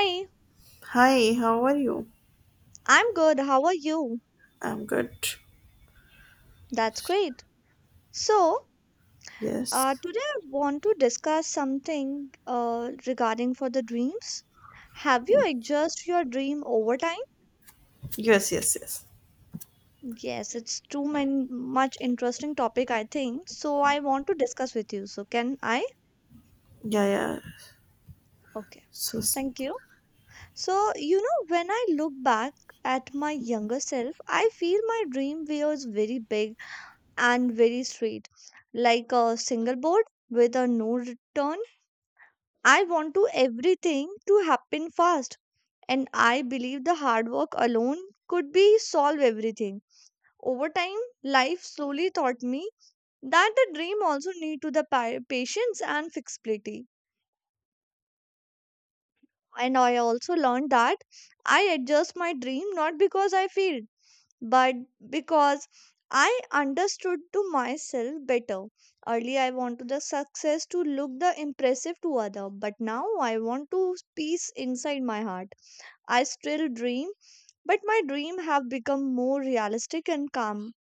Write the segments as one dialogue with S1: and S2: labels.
S1: Hi,
S2: Hi, how are you?
S1: I'm good. How are you?
S2: I'm good.
S1: That's great. So,
S2: Yes.
S1: today I want to discuss something regarding for the dreams. Have you adjust your dream over time?
S2: Yes, yes, yes.
S1: Yes, it's much interesting topic, I think. So I want to discuss with you. So can I?
S2: Yeah, yeah.
S1: Okay.
S2: So s-
S1: Thank you. So, you know, when I look back at my younger self, I feel my dream was very big and very straight, like a single board with a no return. I want to everything to happen fast and I believe the hard work alone could be solve everything. Over time, life slowly taught me that a dream also need to the patience and flexibility. And I also learned that I adjust my dream not because I failed, but because I understood to myself better. Early I wanted the success to look the impressive to other, but now I want to peace inside my heart. I still dream, but my dream have become more realistic and calm.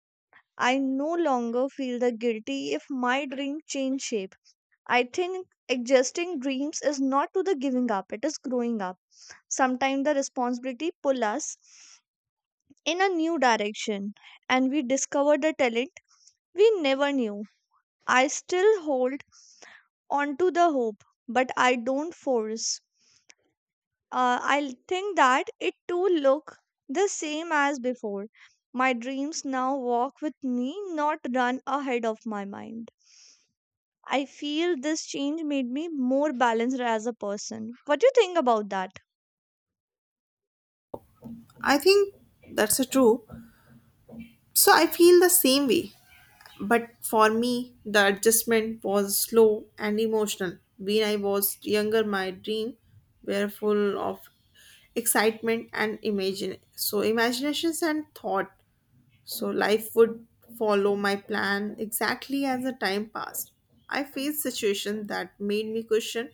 S1: I no longer feel the guilty if my dream change shape. I think adjusting dreams is not to the giving up, it is growing up. Sometimes the responsibility pull us in a new direction and we discover the talent we never knew. I still hold on to the hope, but I don't force. I'll think that it too look the same as before. My dreams now walk with me, not run ahead of my mind. I feel this change made me more balanced as a person. What do you think about that?
S2: I think that's a true. So I feel the same way. But for me, the adjustment was slow and emotional. When I was younger, my dream were full of excitement and imagine so imaginations and thought. So life would follow my plan exactly as the time passed. I faced situations that made me question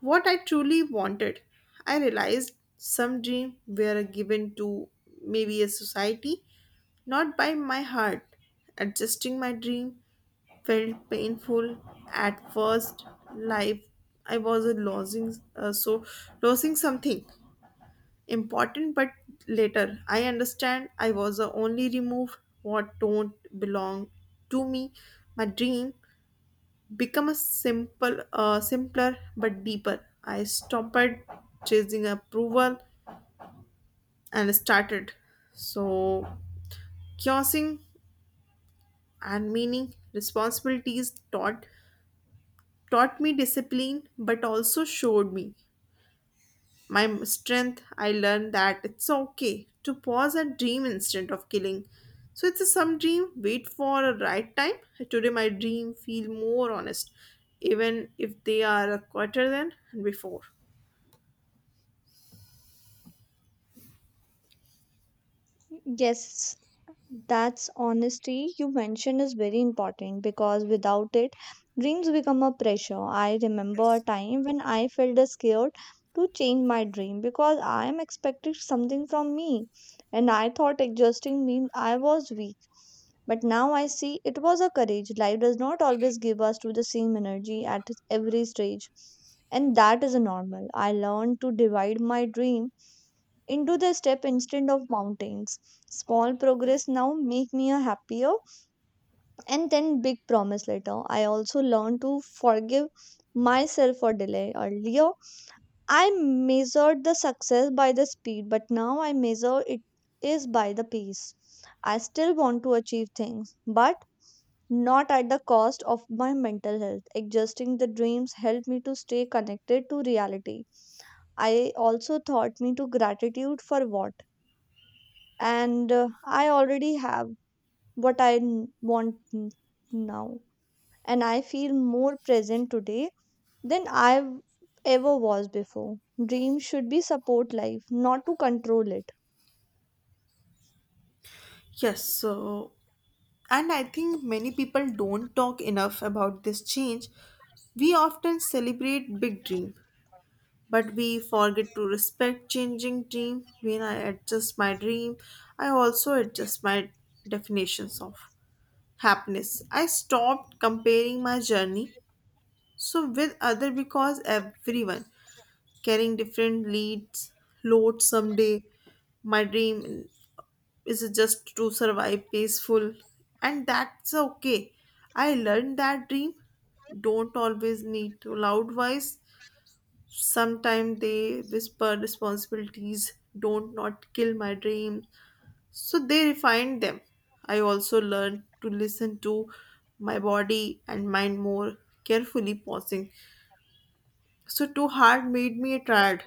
S2: what I truly wanted. I realized some dreams were given to maybe a society, not by my heart. Adjusting my dream felt painful at first. Life, I was losing something important, but later I understand I was the only remove what don't belong to me. My dream become a simpler but deeper. I stopped chasing approval and started so cursing and meaning responsibilities taught me discipline, but also showed me my strength. I learned that it's okay to pause and dream instead of killing, so it's a some dream wait for a right time. Today my dream feel more honest, even if they are a quarter than before.
S1: Yes, that's honesty you mentioned is very important because without it, dreams become a pressure. I remember a
S2: Yes.
S1: time when I felt scared to change my dream because I am expected something from me, and I thought adjusting meant I was weak. But now I see it was a courage. Life does not always give us to the same energy at every stage, and that is normal. I learned to divide my dream into the step instead of mountains. Small progress now make me a happier and then big promise later. I also learned to forgive myself for delay. Earlier, I measured the success by the speed, but now I measure it is by the pace. I still want to achieve things, but not at the cost of my mental health. Adjusting the dreams helped me to stay connected to reality. I also taught me to gratitude for what and I already have what I want now. And I feel more present today than I ever was before. Dreams should be support life, not to control it.
S2: Yes, so, and I think many people don't talk enough about this change. We often celebrate big dream, but we forget to respect changing dream. When I adjust my dream, I also adjust my definitions of happiness. I stopped comparing my journey with other, because everyone carrying different leads load. Someday my dream is just to survive peaceful, and that's okay. I learned that dream don't always need to loud voice. Sometimes they whisper responsibilities don't not kill my dreams, so they refined them. I also learned to listen to my body and mind more carefully. Pausing so too hard made me a tired,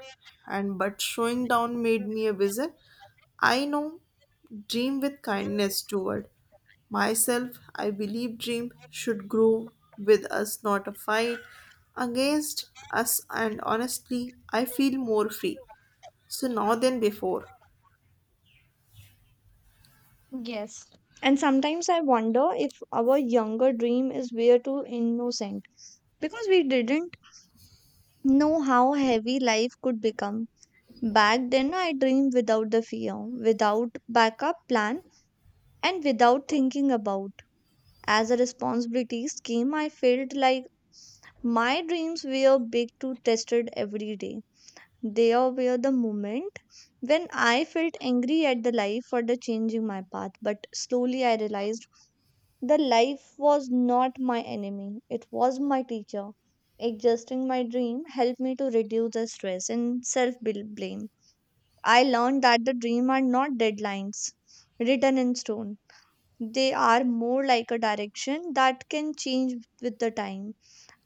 S2: and but showing down made me a wizard. I know dream with kindness toward myself. I believe dream should grow with us, not a fight against us, and honestly, I feel more free. So now than before.
S1: Yes. And sometimes I wonder if our younger dream is way too innocent because we didn't know how heavy life could become. Back then, I dreamed without the fear, without backup plan, and without thinking about. As a responsibilities came, I felt like my dreams were big to tested every day. There were the moment when I felt angry at the life for the changing my path, but slowly I realized the life was not my enemy. It was my teacher. Adjusting my dream helped me to reduce the stress and self blame. I learned that the dream are not deadlines written in stone. They are more like a direction that can change with the time.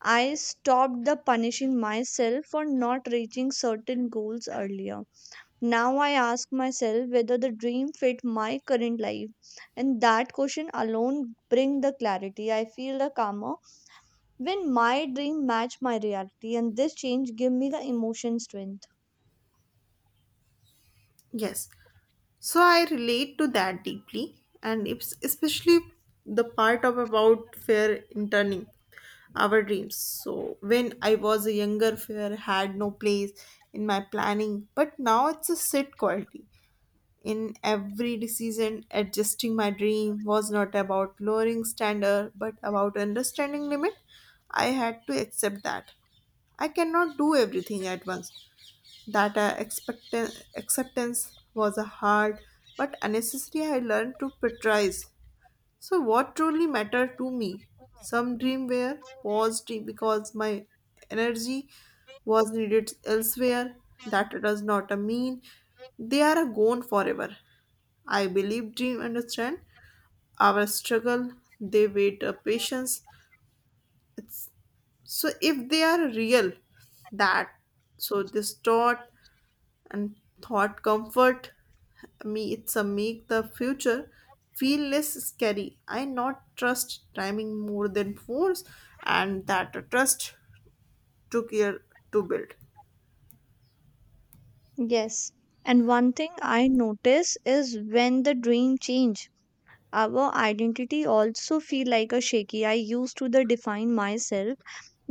S1: I stopped the punishing myself for not reaching certain goals earlier. Now I ask myself whether the dream fit my current life and that question alone bring the clarity. I feel the calmer when my dream match my reality and this change give me the emotion strength.
S2: Yes. So I relate to that deeply, and it's especially the part of about fear in turning our dreams. So when I was a younger, fear had no place in my planning, but now it's a sit quality in every decision. Adjusting my dream was not about lowering standard but about understanding limit. I had to accept that I cannot do everything at once. That acceptance was a hard but unnecessary. I learned to prioritize so what truly mattered to me. Some dream were paused because my energy was needed elsewhere. That does not mean they are gone forever. I believe dream understand our struggle. They wait a patience. It's, so if they are real, that so this thought and thought comfort me. It's a make the future feel less scary. I not trust timing more than force, and that trust took year to build.
S1: Yes. And one thing I notice is when the dream change our identity also feel like a shaky. I used to the define myself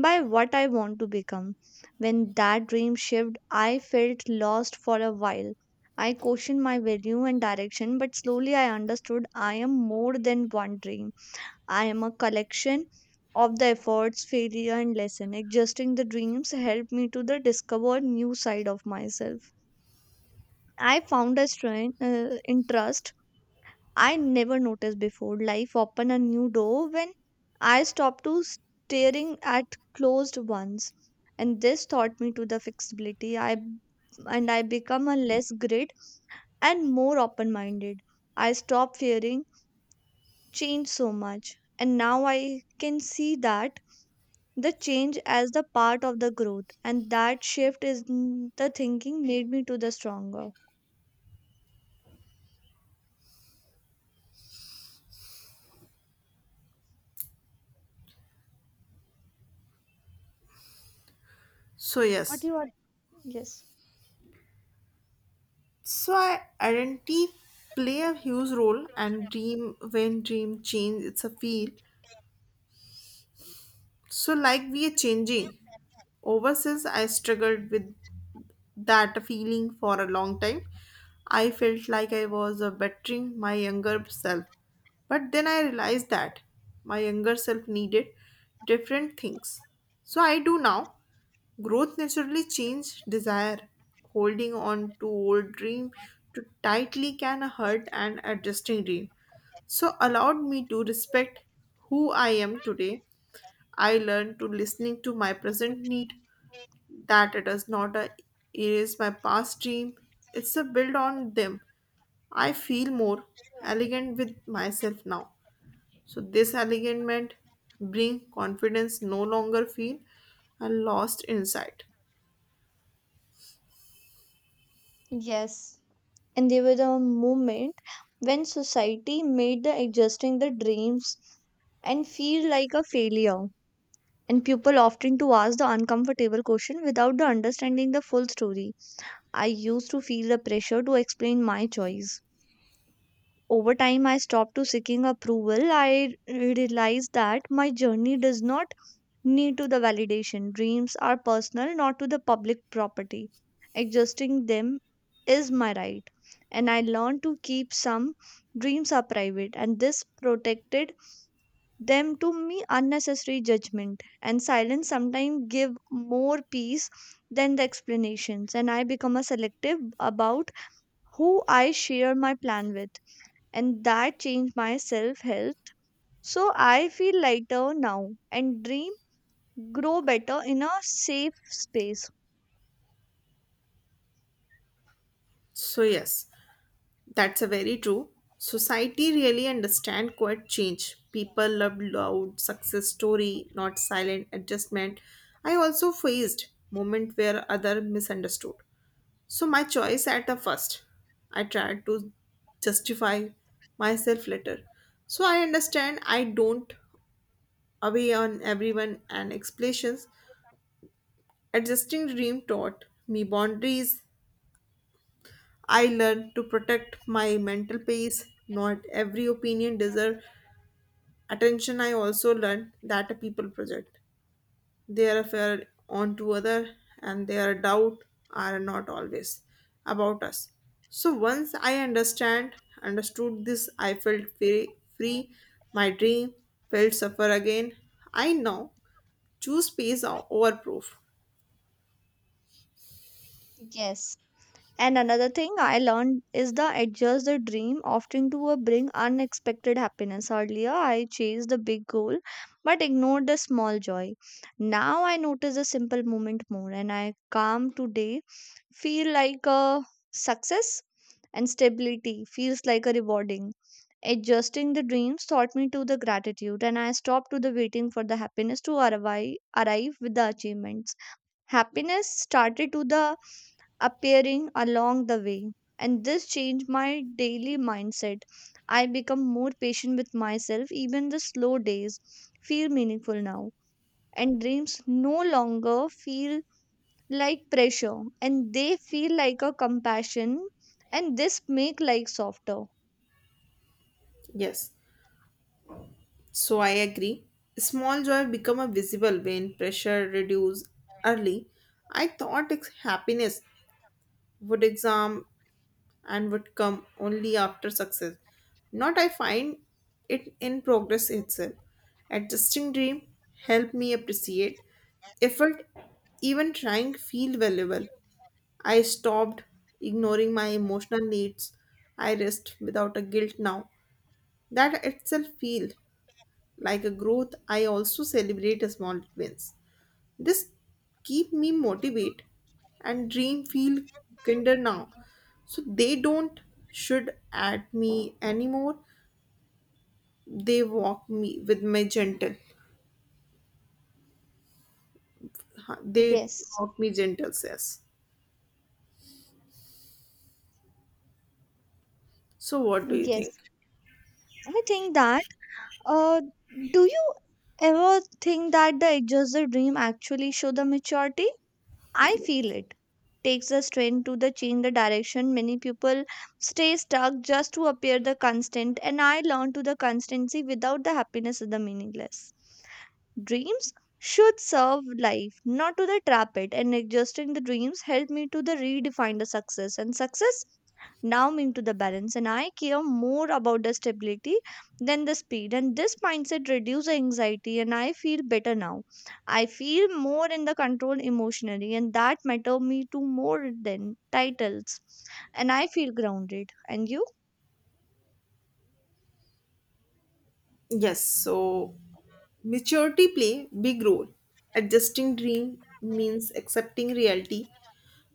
S1: by what I want to become. When that dream shift I felt lost for a while. I questioned my value and direction, but slowly I understood I am more than one dream. I am a collection of the efforts, failure and lesson. Adjusting the dreams helped me to the discover new side of myself. I found a strength, interest I never noticed before. Life opened a new door when I stopped to staring at closed ones. And this taught me to the flexibility. I and I become a less grid and more open minded. I stopped fearing change so much. And now I can see that the change as the part of the growth. And that shift is the thinking made me to the stronger.
S2: So yes,
S1: Yes.
S2: so I identity play a huge role and dream when dream change it's a feel. So, like we are changing. Over since I struggled with that feeling for a long time, I felt like I was bettering my younger self. But then I realized that my younger self needed different things. So I do now. Growth naturally change desire. Holding on to old dream too tightly can hurt an adjusting dream. So allowed me to respect who I am today. I learned to listening to my present need, that it is not a. Erase my past dream. It's a build on them. I feel more elegant with myself now. So this alignment bring confidence, no longer feel a lost insight.
S1: Yes, and they were the moment when society made the adjusting the dreams and feel like a failure and people often to ask the uncomfortable question without the understanding the full story. I used to feel the pressure to explain my choice. Over time I stopped to seeking approval. I realized that my journey does not need to the validation. Dreams are personal, not to the public property. Adjusting them is my right. And I learned to keep some dreams are private, and this protected them to me unnecessary judgment. And silence sometimes give more peace than the explanations. And I become a selective about who I share my plan with. And that changed my self health. So I feel lighter now. And dream grow better in a safe space.
S2: So yes, that's a very true. Society really understand quiet change. People love loud success story, not silent adjustment. I also faced moment where other misunderstood. So my choice at the first, I tried to justify myself later. So I understand I don't away on everyone and explanations. Adjusting dream taught me boundaries. I learned to protect my mental peace. Not every opinion deserve attention. I also learned that a people project. They refer onto other, and their doubt are not always about us. So once I understand understood this, I felt free. My dream felt suffer again. I now choose peace over proof.
S1: Yes. And another thing I learned is the adjust the dream often to a bring unexpected happiness. Earlier, I chased the big goal but ignored the small joy. Now I notice the simple moment more and I calm today feel like a success and stability feels like a rewarding. Adjusting the dreams taught me to the gratitude and I stopped to the waiting for the happiness to arrive with the achievements. Happiness started to the appearing along the way and this changed my daily mindset. I become more patient with myself, even the slow days feel meaningful now and dreams no longer feel like pressure and they feel like a compassion and this make like softer.
S2: Yes, so I agree. Small joy become a visible when pressure reduce. Early I thought happiness would exam and would come only after success. Not I find it in progress itself. Adjusting dream helped me appreciate effort, even trying feel valuable. I stopped ignoring my emotional needs. I rest without a guilt now. That itself feel like a growth. I also celebrate small wins. This keep me motivate, and dream feel kinder now. So they don't should at me anymore. They walk me with my gentle. They
S1: Yes,
S2: walk me gentle says. So what do you think?
S1: yes. I think that uh do you ever think that the exhausted dream actually show the maturity? I feel
S2: Yes.
S1: it takes a strength to the change the direction. Many people stay stuck just to appear the constant, and I learn to the constancy without the happiness is the meaningless. Dreams should serve life, not to the trap it. And adjusting the dreams helped me to the redefine the success. And success now mean to the balance. And I care more about the stability than the speed. And this mindset reduces anxiety. And I feel better now. I feel more in the control emotionally, and that matter me to more than titles. And I feel grounded. And you?
S2: Yes, so maturity play big role. Adjusting dream means accepting reality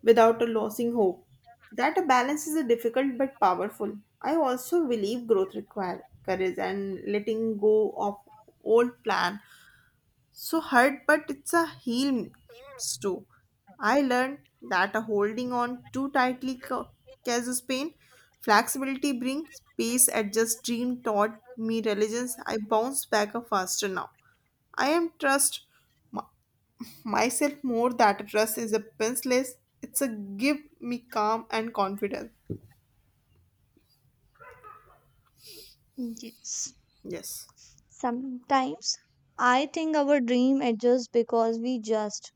S2: without losing hope. That a balance is a difficult but powerful. I also believe growth requires courage and letting go of old plan. So hurt, but it's a heal too. I learned that a holding on too tightly causes pain. Flexibility brings peace. Adjust dream taught me religions. I bounce back faster now. I am trust myself more, that dress is a princess. It's a give me calm and confidence.
S1: Yes.
S2: Yes.
S1: Sometimes I think our dream adjusts because we just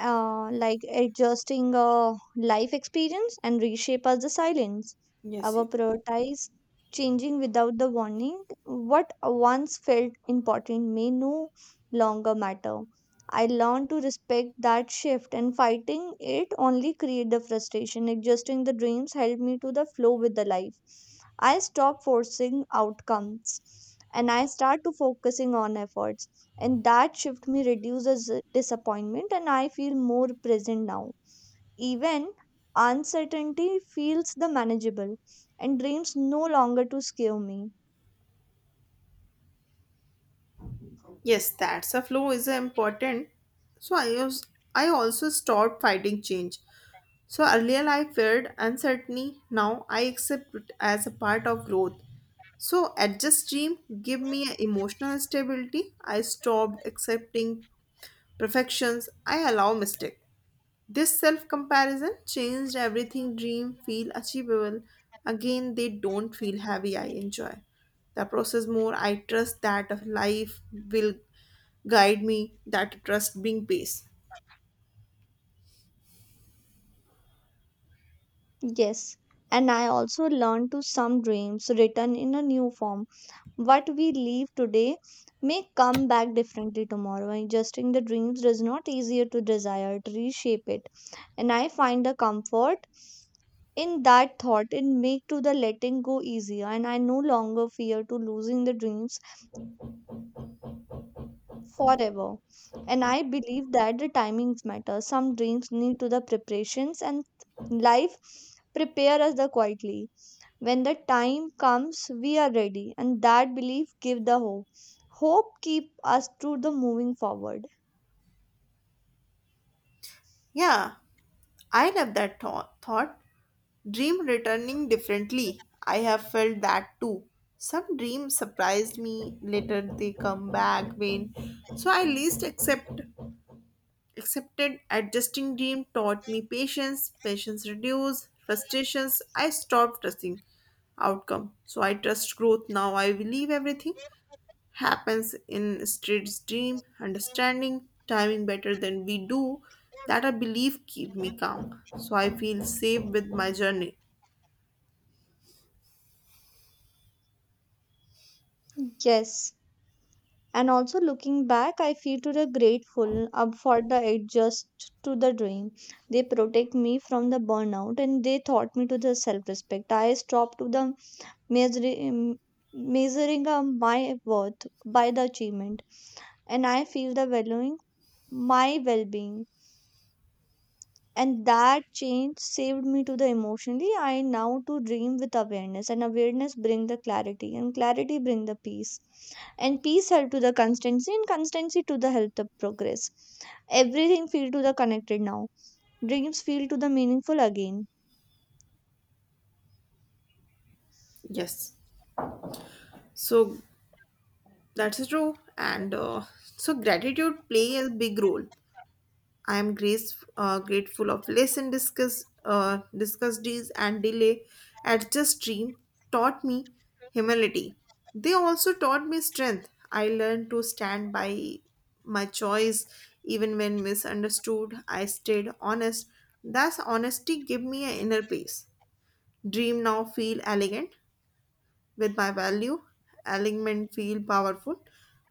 S1: like adjusting life experience and reshape us the silence.
S2: Yes,
S1: Our
S2: yes.
S1: prioritize changing without the warning. What once felt important may no longer matter. I learned to respect that shift and fighting it only create the frustration. Adjusting the dreams helped me to the flow with the life. I stop forcing outcomes and I start to focusing on efforts and that shift me reduces disappointment and I feel more present now, even uncertainty feels the manageable and dreams no longer to scare me.
S2: Yes, that's a flow is important. So I also stopped fighting change. So earlier I feared uncertainty. Now I accept it as a part of growth. So adjust dream give me emotional stability. I stopped accepting perfections. I allow mistake. This self comparison changed everything, dream feel achievable again. They don't feel heavy. I enjoy the process more. I trust that of life will guide me, that trust bring peace.
S1: Yes, and I also learned to some dreams written in a new form. What we leave today may come back differently tomorrow. Adjusting the dreams does not easier to desire to reshape it and I find the comfort in that thought. It make to the letting go easier, and I no longer fear to losing the dreams forever. And I believe that the timings matter. Some dreams need to the preparations, and life prepare us the quietly. When the time comes, we are ready, and that belief give the hope. Hope keep us to the moving forward.
S2: Yeah, I love that thought. Dream returning differently. I have felt that too. Some dreams surprised me, later they come back vain. So I least accepted. Adjusting dream taught me patience. Patience reduce frustrations. I stopped trusting outcome, so I trust growth now. I believe everything happens in straight's dream, understanding timing better than we do. That I believe keep me calm, so I feel safe with my journey.
S1: Yes. And also looking back, I feel to the grateful up for the adjust to the dream. They protect me from the burnout and they taught me to the self respect. I stopped to the measuring, measuring, my worth by the achievement, and I feel the valuing my well being, and that change saved me to the emotionally. I now to dream with awareness, and awareness bring the clarity, and clarity bring the peace, and peace help to the constancy, and constancy to the help the progress. Everything feel to the connected now. Dreams feel to the meaningful again.
S2: Yes, so that's true. And so gratitude play a big role. I am grateful of lesson discussed these and delay at adjust dream taught me humility. They also taught me strength. I learned to stand by my choice, even when misunderstood. I stayed honest. Thus, honesty gave me an inner peace. Dream now feel elegant with my value. Alignment feel powerful.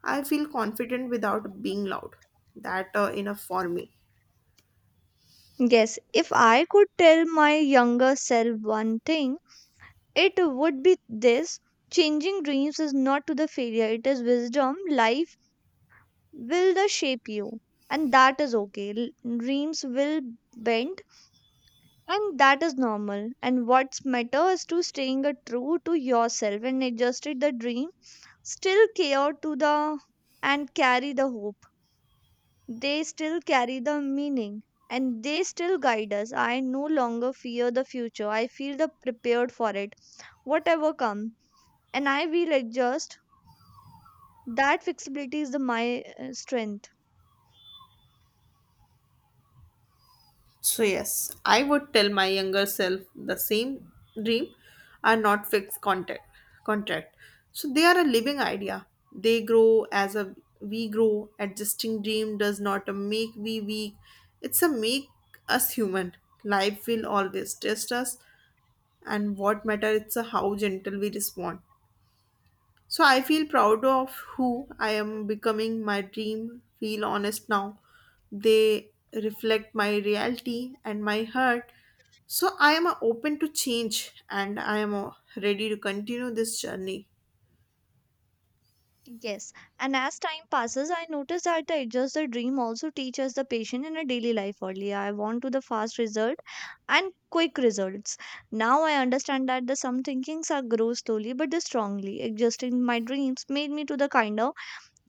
S2: I feel confident without being loud. That enough for me.
S1: Yes, if I could tell my younger self one thing, it would be this: changing dreams is not to the failure, it is wisdom. Life will they shape you, and that is okay. Dreams will bend, and that is normal, and what's matter is to staying a true to yourself, and adjusted the dream still care to the and carry the hope. They still carry the meaning, and they still guide us. I no longer fear the future, I feel the prepared for it, whatever come, and I will adjust. That flexibility is the my strength.
S2: So, yes, I would tell my younger self the same. Dream are not fixed contract. So, they are a living idea. They grow as a we grow. Adjusting dream does not make we weak. It's a make us human. Life will always test us, and what matter it's a how gentle we respond. So I feel proud of who I am becoming. My dream feel honest now. They reflect my reality and my heart. So I am open to change, and I am ready to continue this journey.
S1: Yes, and as time passes, I notice that the adjust the dream also teaches the patient in a daily life. Earlier, I want to the fast result and quick results. Now I understand that the some thinkings are grow slowly but the strongly. Adjusting my dreams made me to the kind of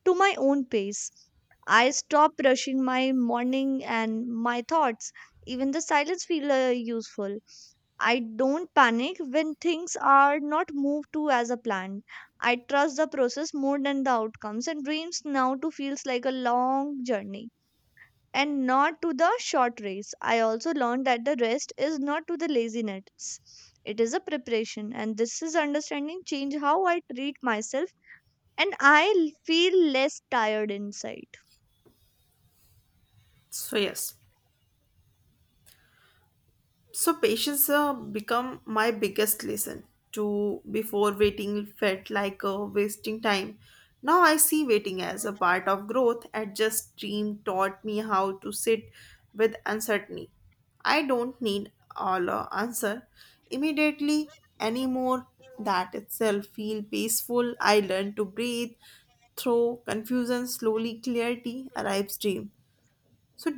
S1: to my own pace. I stop rushing my morning and my thoughts. Even the silence feel useful. I don't panic when things are not moved to as a plan. I trust the process more than the outcomes, and dreams now to feels like a long journey and not to the short race. I also learned that the rest is not to the laziness. It is a preparation, and this is understanding change how I treat myself, and I feel less tired inside.
S2: So yes. So patience become my biggest lesson. To before waiting felt like wasting time. Now I see waiting as a part of growth. And just dream taught me how to sit with uncertainty. I don't need all answer immediately anymore. That itself feel peaceful. I learn to breathe through confusion. Slowly clarity arrives. Dream. So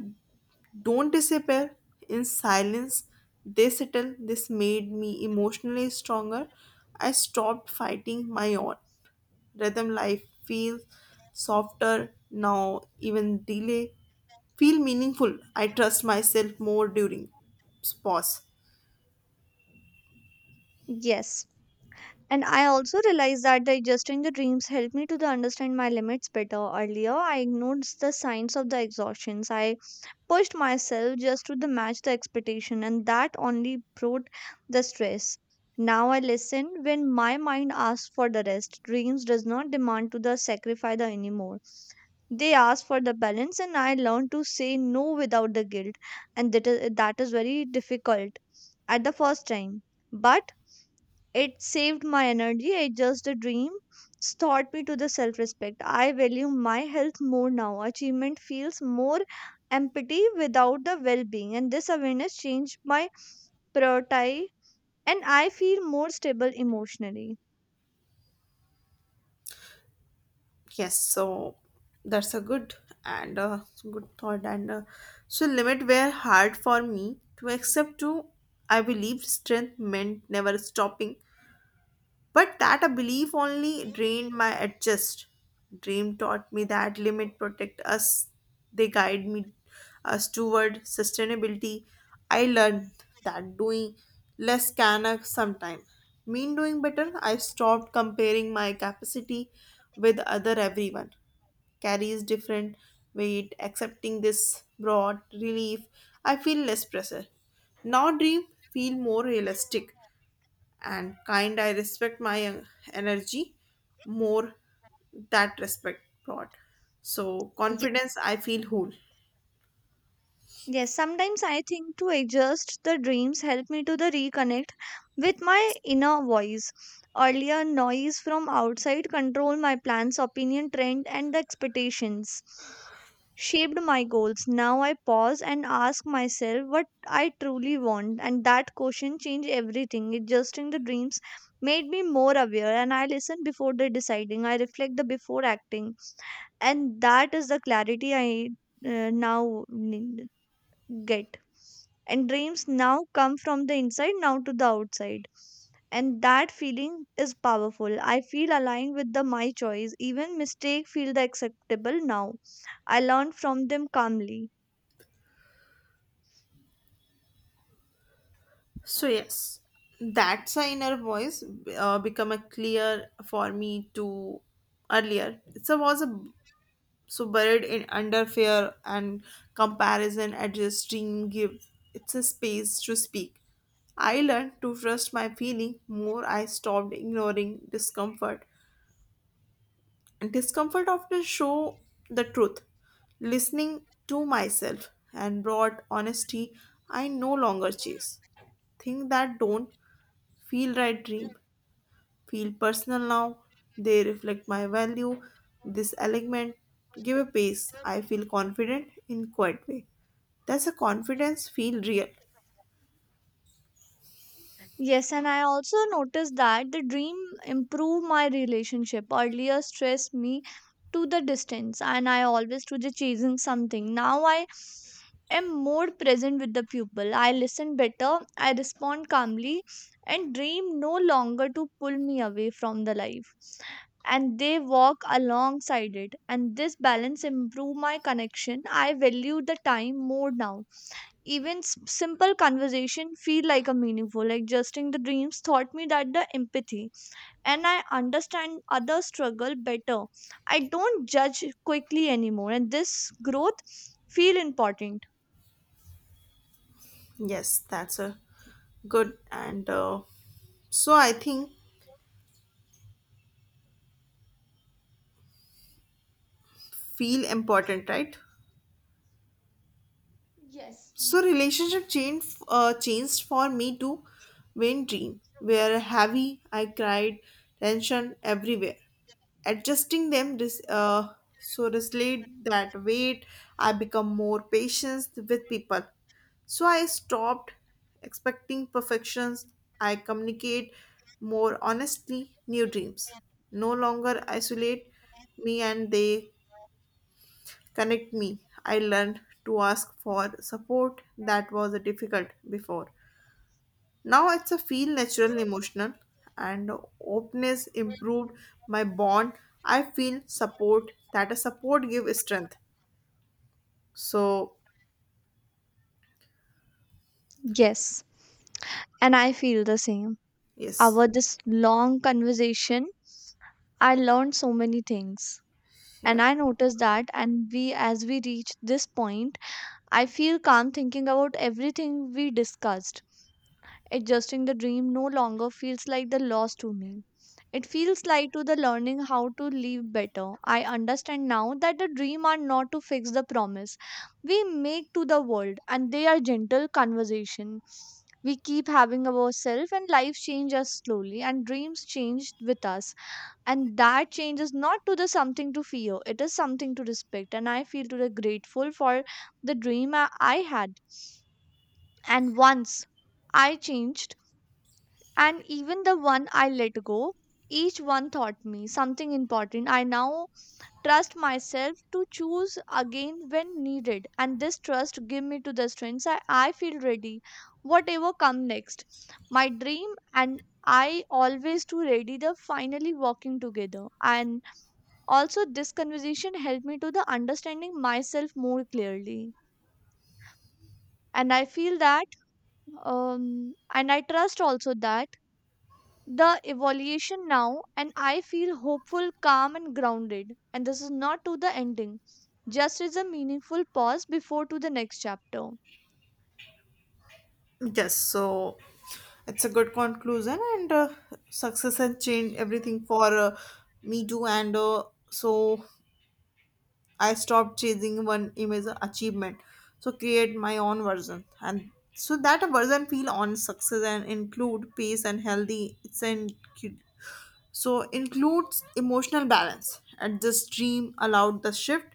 S2: don't disappear. In silence, they settle. This made me emotionally stronger. I stopped fighting my own rhythm. Life feels softer now, even delay feel meaningful. I trust myself more during pause.
S1: Yes. And I also realized that digesting the dreams helped me to the understand my limits better. Earlier, I ignored the signs of the exhaustions. I pushed myself just to the match the expectation, and that only brought the stress. Now I listen when my mind asks for the rest. Dreams does not demand to the sacrifice the anymore. They ask for the balance, and I learn to say no without the guilt, and that is very difficult at the first time. But it saved my energy. It just a dream taught me to the self respect. I value my health more now. Achievement feels more empathy without the well being, and this awareness changed my priority, and I feel more stable emotionally.
S2: Yes, so that's a good and a good thought. And so, limit were hard for me to accept. Too, I believed strength meant never stopping. But that a belief only drained my adjust. Dream taught me that limit protect us. They guide me us toward sustainability. I learned that doing less can sometime mean doing better. I stopped comparing my capacity with other. Everyone carries different weight. Accepting this brought relief. I feel less pressure. Now dream feel more realistic and kind. I respect my energy more. That respect brought so
S1: Ye-
S2: confidence. I feel whole.
S1: Yes, sometimes I think to adjust the dreams help me to the reconnect with my
S2: Yes.
S1: inner voice. Earlier, noise from outside controlled my plans, opinion, trend, and the expectations. Shaped my goals. Now I pause and ask myself what I truly want, and that question changed everything. Adjusting the dreams made me more aware, and I listen before the deciding. I reflect the before acting, and that is the clarity I now need get. And dreams now come from the inside now to the outside, and that feeling is powerful. I feel aligned with the my choice. Even mistake feel the acceptable now. I learn from them calmly.
S2: So yes, that's a inner voice become a clear for me to earlier it's a was a so buried in under fear and comparison. Adjusting give it's a space to speak. I learned to trust my feeling more. I stopped ignoring discomfort. Discomfort often show the truth. Listening to myself and brought honesty. I no longer chase things that don't feel right. Dream. Feel personal now. They reflect my value. This element give a pace. I feel confident in quiet way. That's a confidence feel real.
S1: Yes, and I also noticed that the dream improved my relationship. Earlier stressed me to the distance, and I always to the chasing something. Now I am more present with the pupil. I listen better, I respond calmly, and dream no longer to pull me away from the life, and they walk alongside it. And this balance improve my connection. I value the time more now. Even simple conversation feel like a meaningful. Like adjusting the dreams taught me that the empathy, and I understand other struggle better. I don't judge quickly anymore, and this growth feel important.
S2: Yes, that's a good. And so I think feel important, right?
S1: Yes.
S2: So relationship changed for me to. When dream were heavy, I cried tension everywhere. Adjusting them so reslayed that weight. I become more patient with people, so I stopped expecting perfections. I communicate more honestly. New dreams no longer isolate me, and they connect me. I learned to ask for support that was difficult before. Now it's a feel natural. Emotional and openness improved my bond. I feel support that a support give strength. So
S1: Yes, and I feel the same.
S2: yes,
S1: Our this long conversation, I learned so many things. And
S2: yeah,
S1: I noticed that and we as we reach this point, I feel calm thinking about everything we discussed. Adjusting the dream no longer feels like the loss to me. It feels like to the learning how to live better. I understand now that the dream are not to fix the promise we make to the world, and they are gentle conversation. We keep having ourselves, and life changes us slowly, and dreams change with us. And that change is not to the something to fear, it is something to respect. And I feel to the grateful for the dream I had. And once I changed, and even the one I let go, each one taught me something important. I now trust myself to choose again when needed, and this trust give me to the strength. I feel ready, whatever come next. My dream and I always to ready the finally walking together. And also this conversation helped me to the understanding myself more clearly, and I feel that, and I trust also that the evaluation now, and I feel hopeful, calm and grounded, and this is not to the ending, just is a meaningful pause before to the next chapter.
S2: yes. So it's a good conclusion. And success and change everything for me too. And so I stopped chasing one image achievement, so create my own version. And so that a version feel on success and include peace and healthy. It's an so includes emotional balance. And this dream allowed the shift,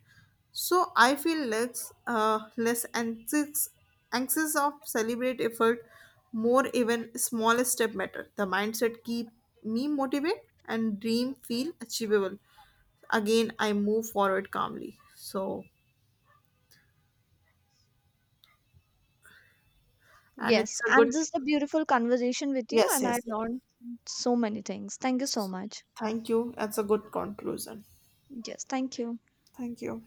S2: so I feel less anxious of celebrate effort, more. Even small step matter. The mindset keep me motivated and dream feel achievable again. I move forward calmly. So, and
S1: Yes,
S2: it's a
S1: and
S2: good,
S1: this is a beautiful conversation with you,
S2: yes,
S1: and I
S2: yes. Yes.
S1: learned so many things. Thank you so much.
S2: Thank you. That's a good conclusion.
S1: Yes, thank you.
S2: Thank you.